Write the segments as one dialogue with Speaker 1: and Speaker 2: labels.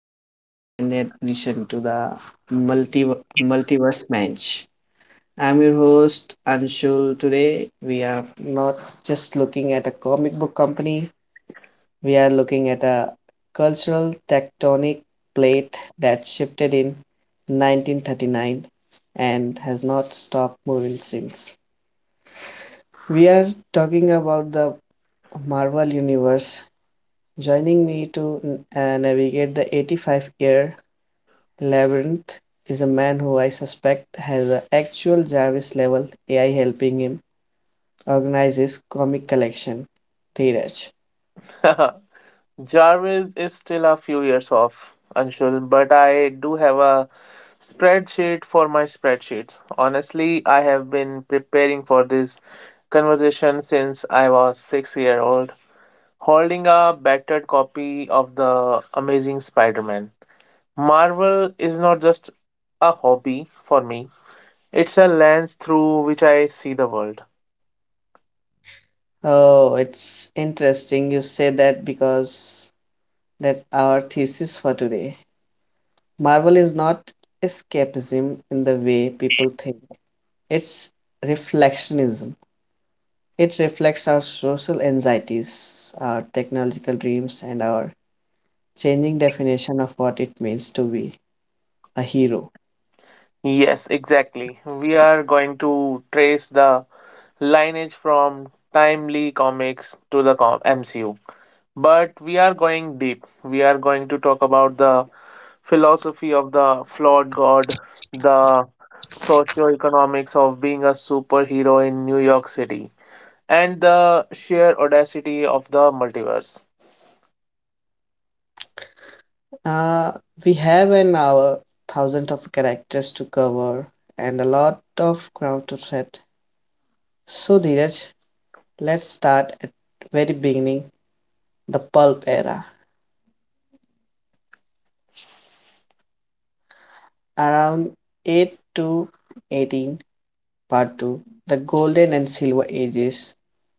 Speaker 1: Special extended edition to the multi multiverse bench. I'm your host Anshul. Today we are not just looking at a comic book company, we are looking at a cultural tectonic plate that shifted in 1939 and has not stopped moving since. We are talking about the Marvel Universe. Joining me to navigate the 85-year Labyrinth is a man who I suspect has a actual Jarvis level AI helping him organize his comic collection. Dheeraj.
Speaker 2: Jarvis is still a few years off, Anshul, but I do have a spreadsheet for my spreadsheets. Honestly, I have been preparing for this conversation since I was 6 year old, holding a battered copy of the Amazing Spider-Man. Marvel is not just a hobby for me; it's a lens through which I see the world.
Speaker 1: Oh, it's interesting you say that because that's our thesis for today. Marvel is not escapism in the way people think, it's reflectionism. It reflects our social anxieties, our technological dreams, and our changing definition of what it means to be a hero.
Speaker 2: Yes, exactly. We are going to trace the lineage from timely comics to the MCU. But we are going deep. We are going to talk about the philosophy of the flawed god, the socioeconomics of being a superhero in New York City, and the sheer audacity of the multiverse.
Speaker 1: Uh, we have an hour, thousands of characters to cover, and a lot of ground to tread. So, Dheeraj, let's start at very beginning, the pulp era, around 8 to 18, part 2, the golden and silver ages,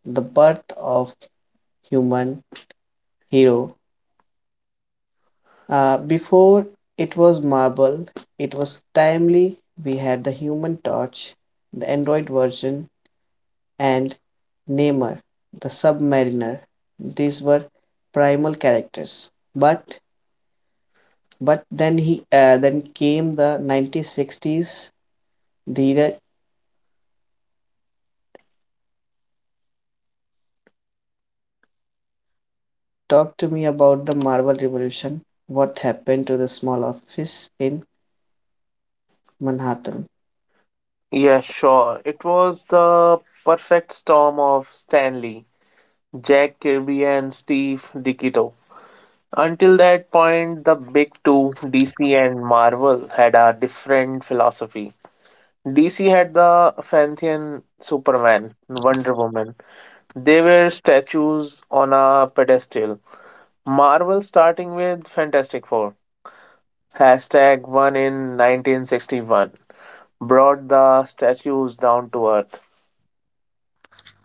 Speaker 1: the birth of human hero. Before it was marble, it was timely. We had the human torch, the android version, and Namor, the submariner. These were primal characters. But then he then came the 1960s. Dheeraj, talk to me about the Marvel Revolution. What happened to the small office in Manhattan?
Speaker 2: Yeah, sure. It was the perfect storm of Stanley, Jack Kirby, and Steve DiCito. Until that point, the big two, DC and Marvel, had a different philosophy. DC had the Fanthean Superman, Wonder Woman. They were statues on a pedestal. Marvel, starting with Fantastic Four, hashtag one in 1961, brought the statues down to earth.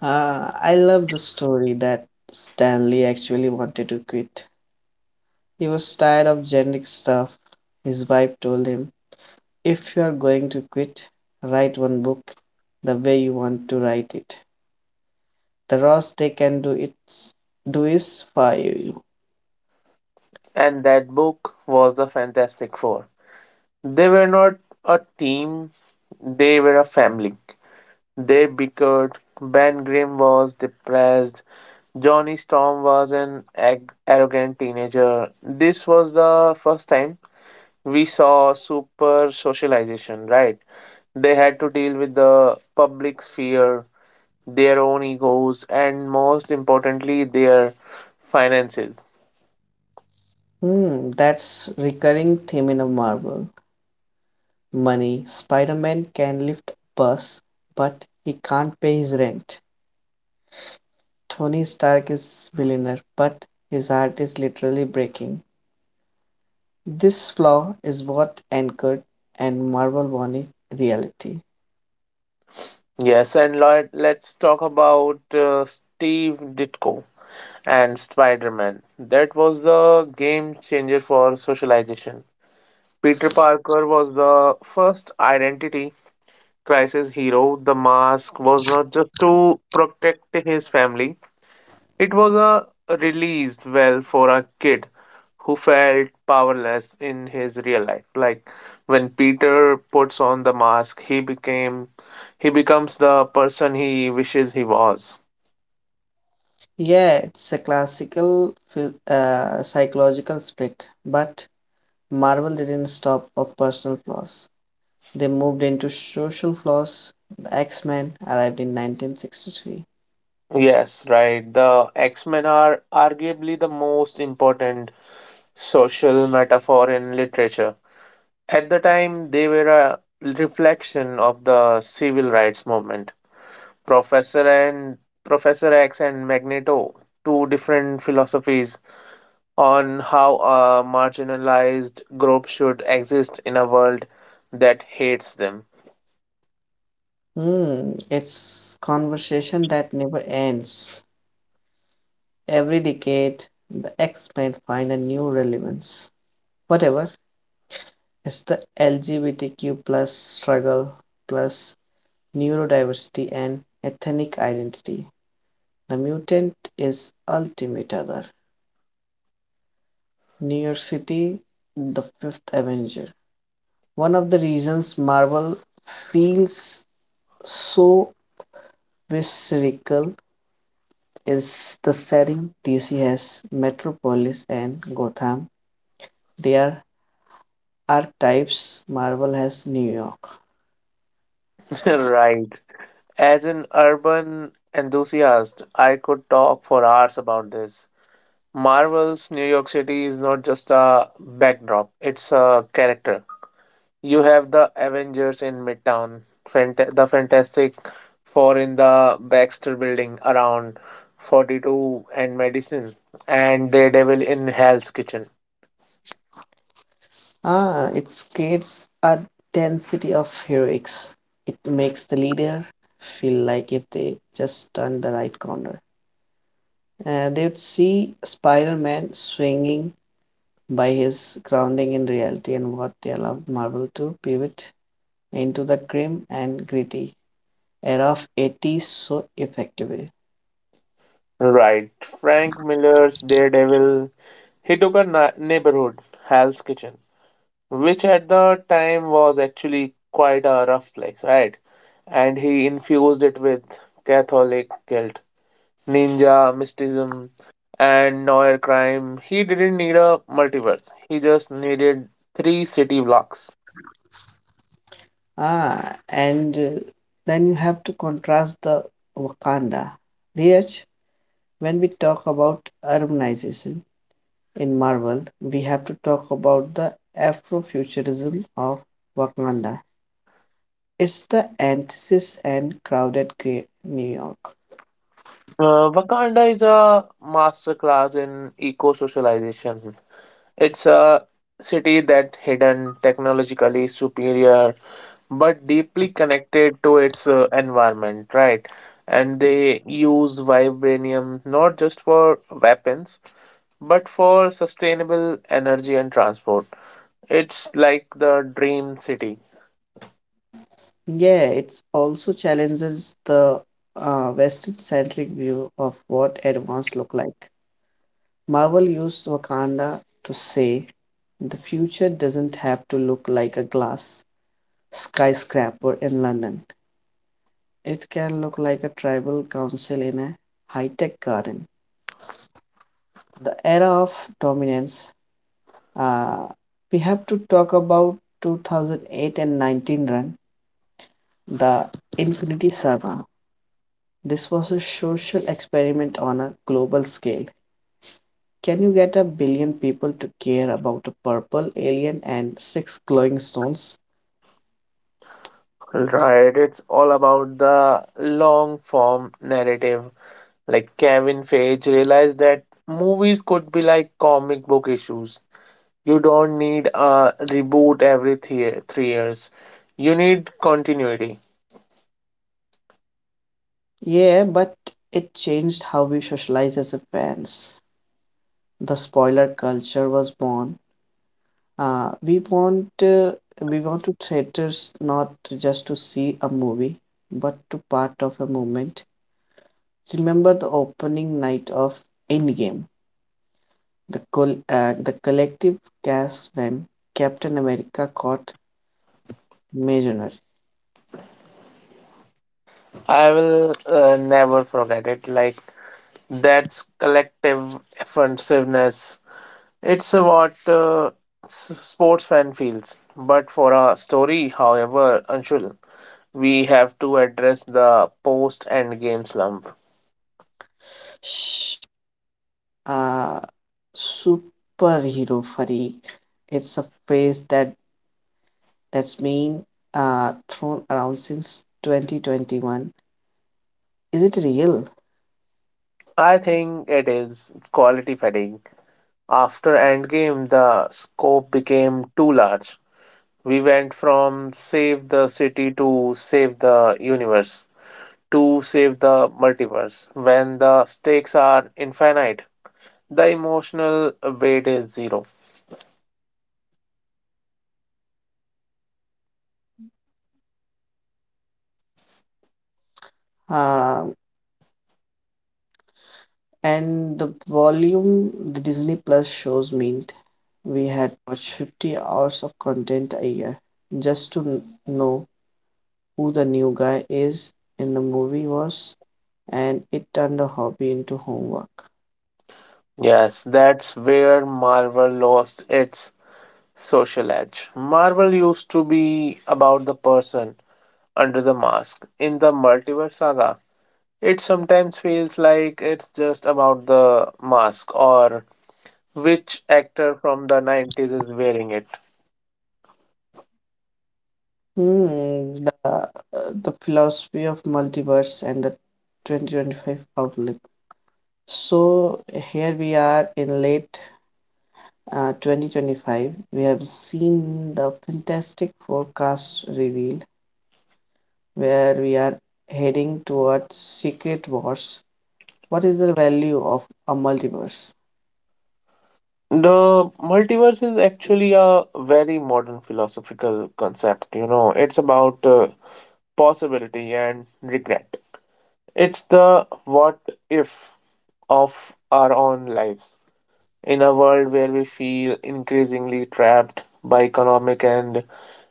Speaker 1: I love the story that Stanley actually wanted to quit. He was tired of generic stuff. His wife told him, if you're going to quit, write one book the way you want to write it. The worst they can do is fire you.
Speaker 2: And that book was the Fantastic Four. They were not a team, they were a family. They bickered, Ben Grimm was depressed, Johnny Storm was an arrogant teenager. This was the first time we saw super socialization, right? They had to deal with the public sphere, their own egos, and most importantly, their finances.
Speaker 1: Hmm, that's recurring theme in a Marvel. Money. Spider-Man can lift a bus, but he can't pay his rent. Tony Stark is a millionaire, but his heart is literally breaking. This flaw is what anchored and Marvel wanted reality.
Speaker 2: Yes, and let's talk about Steve Ditko and Spider Man. That was the game changer for socialization. Peter Parker was the first identity crisis hero. The mask was not just to protect his family, it was a release well for a kid who felt powerless in his real life. Like when Peter puts on the mask, he becomes the person he wishes he was.
Speaker 1: Yeah, it's a classical psychological split, but Marvel didn't stop for personal flaws. They moved into social flaws. The X-Men arrived in 1963.
Speaker 2: Yes, right. The X-Men are arguably the most important social metaphor in literature. At the time, they were a reflection of the civil rights movement. Professor and Professor X and Magneto, two different philosophies on how a marginalized group should exist in a world that hates them.
Speaker 1: Hmm, it's conversation that never ends. Every decade, the X-Men find a new relevance. Whatever, it's the LGBTQ plus struggle plus neurodiversity and ethnic identity. The mutant is Ultimate Other. New York City, the Fifth Avenger. One of the reasons Marvel feels so visceral is the setting. DC has Metropolis and Gotham. They are archetypes. Marvel has New York.
Speaker 2: Right. As an urban enthusiast, I could talk for hours about this. Marvel's New York City is not just a backdrop, it's a character. You have the Avengers in Midtown, the Fantastic Four in the Baxter Building around 42 and Madison, and Daredevil in Hell's Kitchen.
Speaker 1: Ah, it creates a density of heroics. It makes the leader feel like if they just turn the right corner, they would see Spider Man swinging by his grounding in reality and what they allowed Marvel to pivot into the grim and gritty era of 80s so effectively.
Speaker 2: Right. Frank Miller's Daredevil. He took a neighborhood, Hell's Kitchen, which at the time was actually quite a rough place, right? And he infused it with Catholic guilt, ninja, mysticism, and noir crime. He didn't need a multiverse, he just needed three city blocks.
Speaker 1: Ah, and then you have to contrast the Wakanda. Dheeraj, when we talk about urbanization in Marvel, we have to talk about the Afrofuturism of Wakanda. It's the antithesis and crowded great New York.
Speaker 2: Wakanda is a masterclass in eco socialization. It's a city that hidden, technologically superior, but deeply connected to its environment, right? And they use vibranium not just for weapons, but for sustainable energy and transport. It's like the dream city.
Speaker 1: Yeah, it also challenges the Western-centric view of what advance look like. Marvel used Wakanda to say the future doesn't have to look like a glass skyscraper in London. It can look like a tribal council in a high-tech garden. The era of dominance. Uh, we have to talk about 2008 and 19 run, the Infinity Saga. This was a social experiment on a global scale. Can you get a billion people to care about a purple alien and six glowing stones?
Speaker 2: Right, it's all about the long form narrative. Like Kevin Feige realized that movies could be like comic book issues. You don't need a reboot every 3 years. You need continuity.
Speaker 1: Yeah, but it changed how we socialize as a fans. The spoiler culture was born. Uh, we want uh, we want to theaters not just to see a movie, but to part of a movement. Remember the opening night of Endgame. The collective gasp when Captain America caught Mariner.
Speaker 2: I will never forget it. Like that's collective offensiveness. It's what sports fan feels. But for a story, however, unusual, we have to address the post endgame slump. I think it is quality fatigue. After endgame, the scope became too large. We went from save the city to save the universe to save the multiverse. When the stakes are infinite, the emotional weight is zero.
Speaker 1: Uh, and the volume the Disney Plus shows meant we
Speaker 2: Yes, that's where Marvel lost its social edge. Marvel used to be about the person under the mask in the multiverse saga. It sometimes feels like it's just about the mask or which actor from the 90s is wearing it.
Speaker 1: philosophy of multiverse and the 2025 outlook. So here we are in late 2025. We have seen the fantastic forecast revealed where we are heading towards secret wars. What is the value of a multiverse?
Speaker 2: The multiverse is actually a very modern philosophical concept, you know, it's about possibility and regret. It's the what if of our own lives. In a world where we feel increasingly trapped by economic and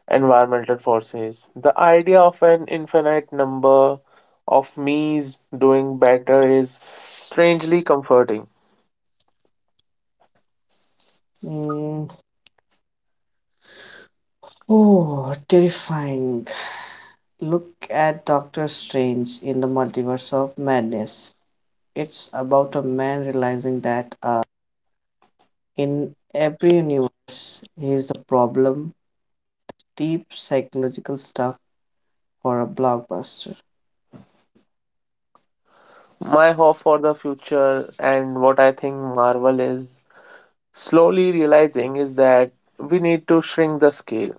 Speaker 2: environmental forces, the idea of an infinite number of me's doing better is strangely comforting. My hope for the future and what I think Marvel is slowly realizing is that we need to shrink the scale.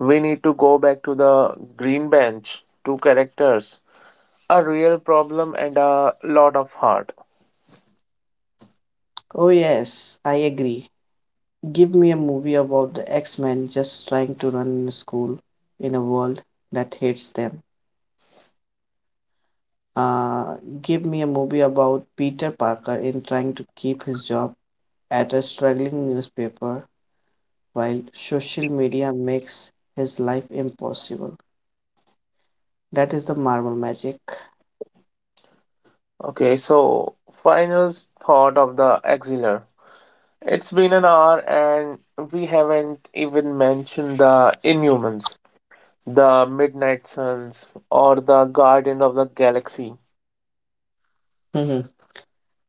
Speaker 2: We need to go back to the green bench, two characters, a real problem, and a lot of heart.
Speaker 1: Oh yes, I agree. Give me a movie about the X-Men just trying to run in a school in a world that hates them. Uh, Give me a movie about Peter Parker in trying to keep his job at a struggling newspaper while social media makes his life impossible. That is the Marvel magic.
Speaker 2: Okay, so final thought of the Exiler. It's been an hour and we haven't even mentioned the Inhumans, the Midnight Suns, or the Guardian of the Galaxy.
Speaker 1: Mhm.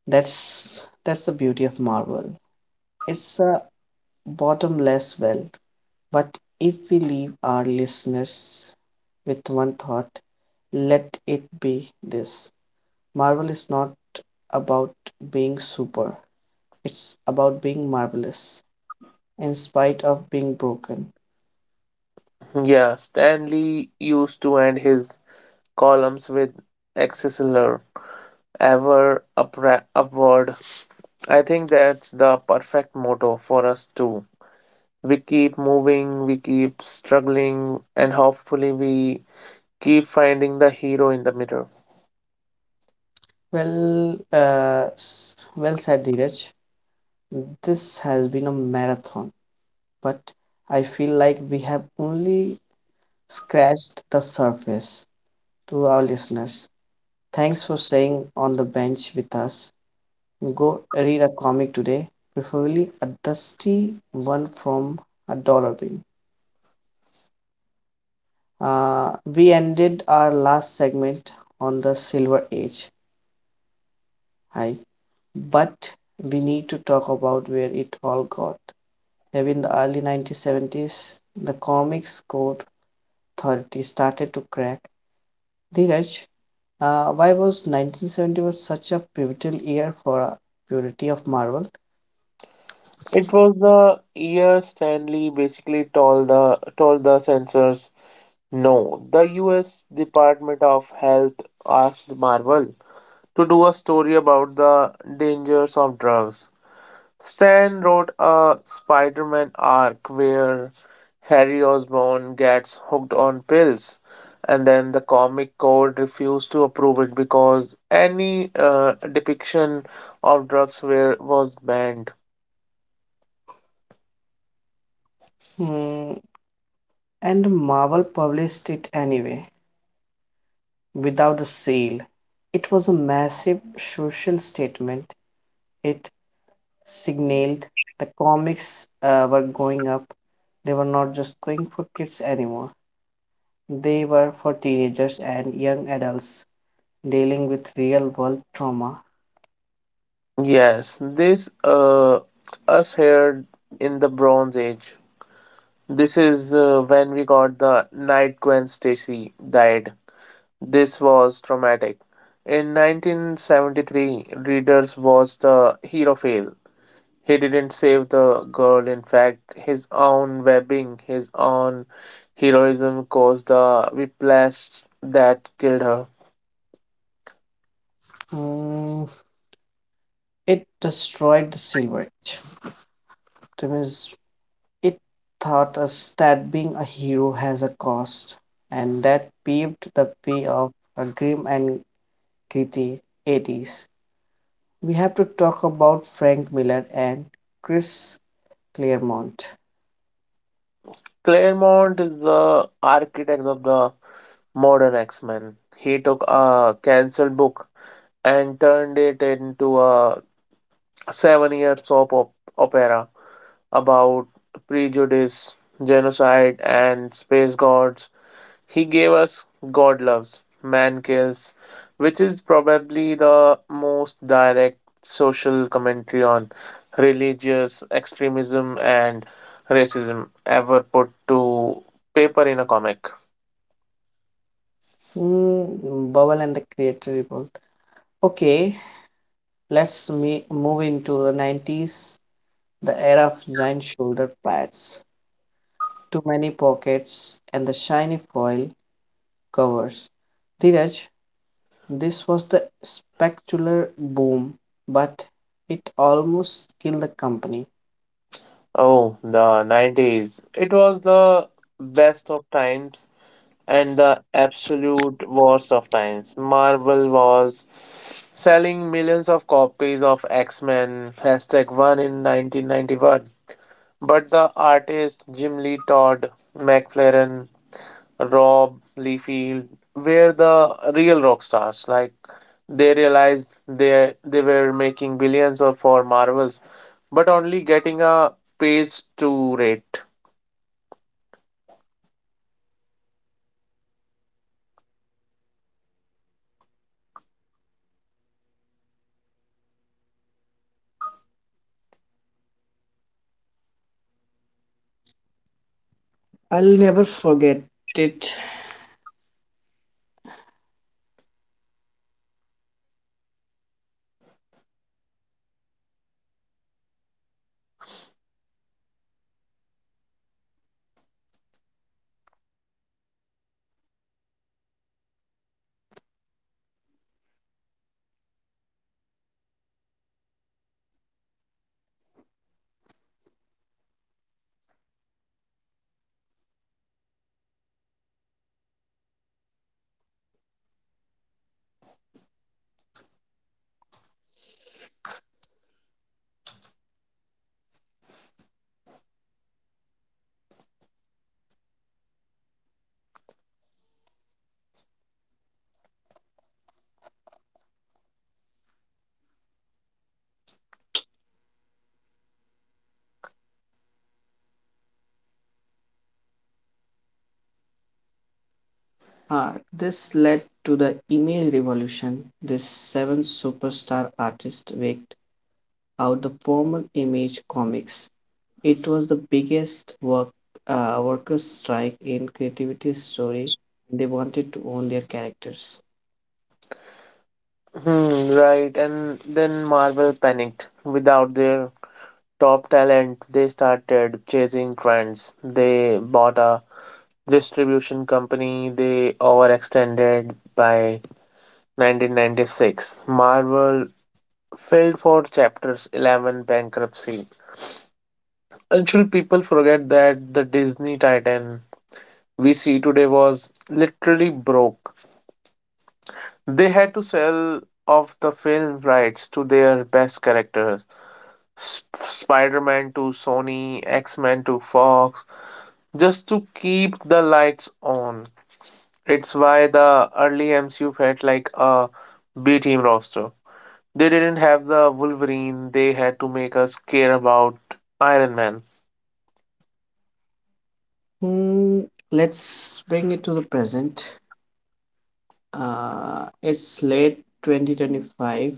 Speaker 1: That's the beauty of Marvel. It's a bottomless well. But if we leave our listeners with one thought, let it be this. Marvel is not about being super, it's about being marvelous in spite of being broken.
Speaker 2: Yeah, Stanley used to end his columns with Excelsior, ever upward. I think that's the perfect motto for us too. We keep moving, we keep struggling, and hopefully we keep finding the hero in the mirror.
Speaker 1: Well, well said, Dheeraj. This has been a marathon, but I feel like we have only scratched the surface to our listeners. Thanks for staying on the bench with us. Go read a comic today, preferably a dusty one from a dollar bin. We ended our last segment on the Silver Age hype, but we need to talk about where it all got. Heavy in the early 1970s, the comics code authority started to crack. Dheeraj, why was 1970 was such a pivotal year for purity of Marvel?
Speaker 2: It was the year Stanley basically told the censors no. The US Department of Health asked Marvel to do a story about the dangers of drugs. Stan wrote a Spider Man arc where Harry Osborn gets hooked on pills, and then the comic code refused to approve it because any depiction of drugs was banned.
Speaker 1: Hmm, and Marvel published it anyway, without a sail. It was a massive social statement. It signaled the comics were going up. They were not just going for kids anymore, they were for teenagers and young adults dealing with real world trauma.
Speaker 2: Yes, this us here in the Bronze Age. This is when we got the Night Gwen Stacy died. This was traumatic. In 1973, Readers was the hero fail. He didn't save the girl, in fact, his own webbing, his own heroism caused the whiplash that killed her.
Speaker 1: Mm, it destroyed the Silver Age. That means it taught us that being a hero has a cost, and that paved the way of a grim and gritty 80s. We have to talk about Frank Miller and Chris Claremont.
Speaker 2: Claremont is the architect of the modern X Men. He took a cancelled book and turned it into a 7 year opera about prejudice, genocide, and space gods. He gave us God Loves, Man Kills, which is probably the most direct social commentary on religious extremism and racism ever put to paper in a comic.
Speaker 1: Mm, Bowel and the Creative Revolt. Okay, move into the 90s, the era of giant shoulder pads, too many pockets, and the shiny foil covers. Dheeraj, this was the spectacular boom, but it almost killed the company.
Speaker 2: Oh, the 90s. It was the best of times and the absolute worst of times. Marvel was selling millions of copies of X Men hashtag 1 in 1991. But the artists Jim Lee Todd, McFarlane, Rob Liefeld were the real rock stars. Like they realized they were making billions of for Marvels, but only getting a page two rate.
Speaker 1: I'll never forget it. This led to the image revolution. This seven superstar artist waked out the formal image comics. It was the biggest workers' strike in creativity story. They wanted to own their characters.
Speaker 2: Hmm, right, and then Marvel panicked without their top talent, they started chasing trends. They bought a distribution company, they overextended by 1996. Marvel failed for Chapters 11 bankruptcy. Until people forget that the Disney Titan we see today was literally broke. They had to sell off the film rights to their best characters, Spider Man to Sony, X Men to Fox, just to keep the lights on. It's why the early MCU felt like a B team roster. They didn't have the Wolverine, they had to make us care about Iron Man.
Speaker 1: Hmm, let's bring it to the present. It's late 2025.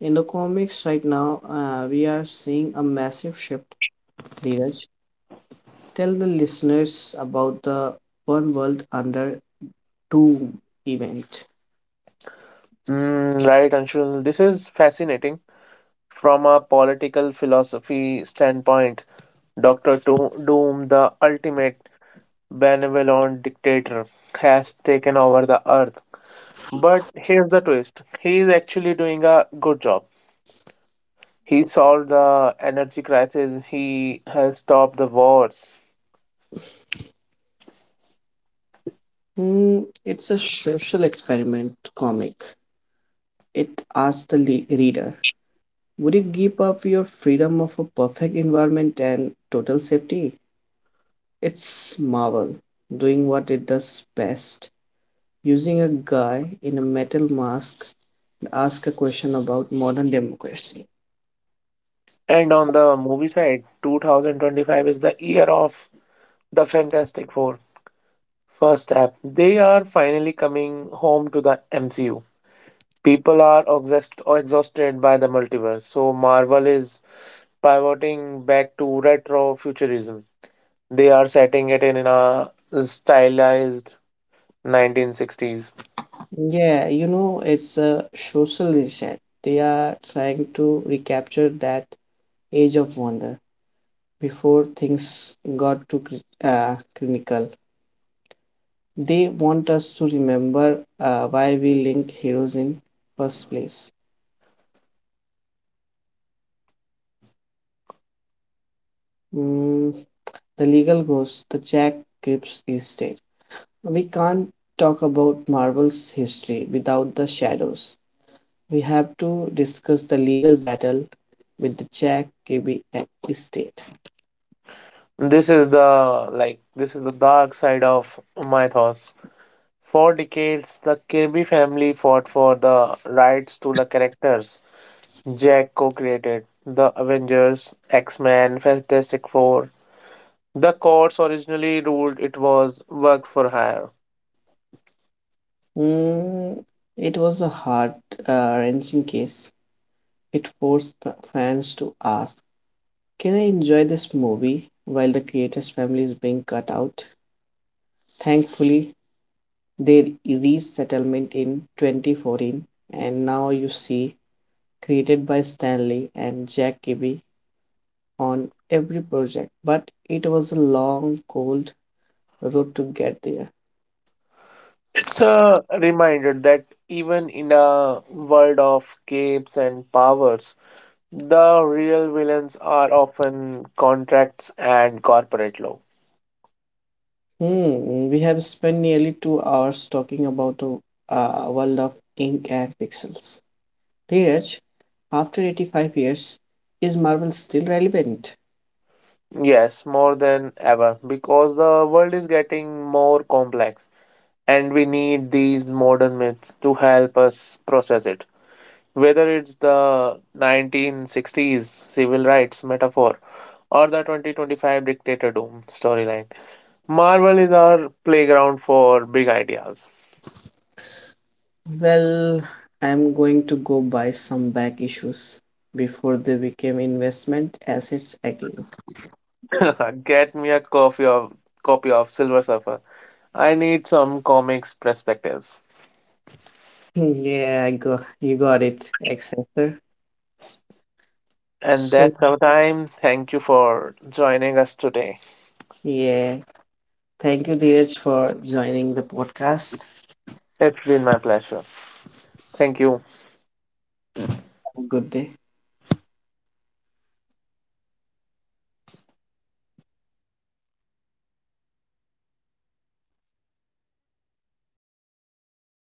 Speaker 1: In the comics right now, we are seeing a massive shift, Dheeraj. Tell the listeners about the One World Under Two event.
Speaker 2: Mm, right, Anshul, this is fascinating. From a political philosophy standpoint, Doctor Doom, the ultimate benevolent dictator, has taken over the earth. But here's the twist, he is actually doing a good job. He solved the energy crisis. He has stopped the wars.
Speaker 1: Hmm, it's a social experiment comic. It asks the reader, would you give up your freedom of a perfect environment and total safety? It's Marvel doing what it does best, using a guy in a metal mask to ask a question about modern democracy.
Speaker 2: And on the movie side, 2025 is the year of the Fantastic Four. First step, they are finally coming home to the MCU. People are exhausted by the multiverse, so Marvel is pivoting back to retro futurism. They are setting it in a stylized 1960s.
Speaker 1: Yeah, you know, it's a social reset. They are trying to recapture that age of wonder before things got too clinical. They want us to remember why we link heroes in first place. Mm, the legal ghost, the Jack Cripps estate. We can't talk about Marvel's history without the shadows. We have to discuss the legal battle with the Jack Kirby estate.
Speaker 2: This is the like this is the dark side of my thoughts. For decades, the Kirby family fought for the rights to the characters Jack co created, the Avengers, X Men, Fantastic Four. The courts originally ruled it was work for hire.
Speaker 1: Mm, it was a heart wrenching case. It forced fans to ask, can I enjoy this movie while the creator's family is being cut out? Thankfully, they reached settlement in 2014, and now you see, created by Stanley and Jack Kirby on every project. But it was a long, cold road to get there.
Speaker 2: It's a reminder that even in a world of capes and powers, the real villains are often contracts and corporate law.
Speaker 1: Hmm, we have spent nearly 2 hours talking about a world of ink and pixels. Dheeraj, after 85 years, is Marvel still relevant?
Speaker 2: Yes, more than ever, because the world is getting more complex and we need these modern myths to help us process it. Whether it's the 1960s civil rights metaphor or the 2025 dictator doom storyline, Marvel is our playground for big ideas.
Speaker 1: Well, I'm going to go buy some back issues before they became investment assets again.
Speaker 2: Get me a copy of Silver Surfer. I need some comics perspectives.
Speaker 1: Yeah, I go, you got it, Accenture.
Speaker 2: And
Speaker 1: So,
Speaker 2: that's our time. Thank you for joining us today.
Speaker 1: yeah, thank you, Dheeraj, for joining the podcast.
Speaker 2: It's been my pleasure. Thank you.
Speaker 1: Have a good day.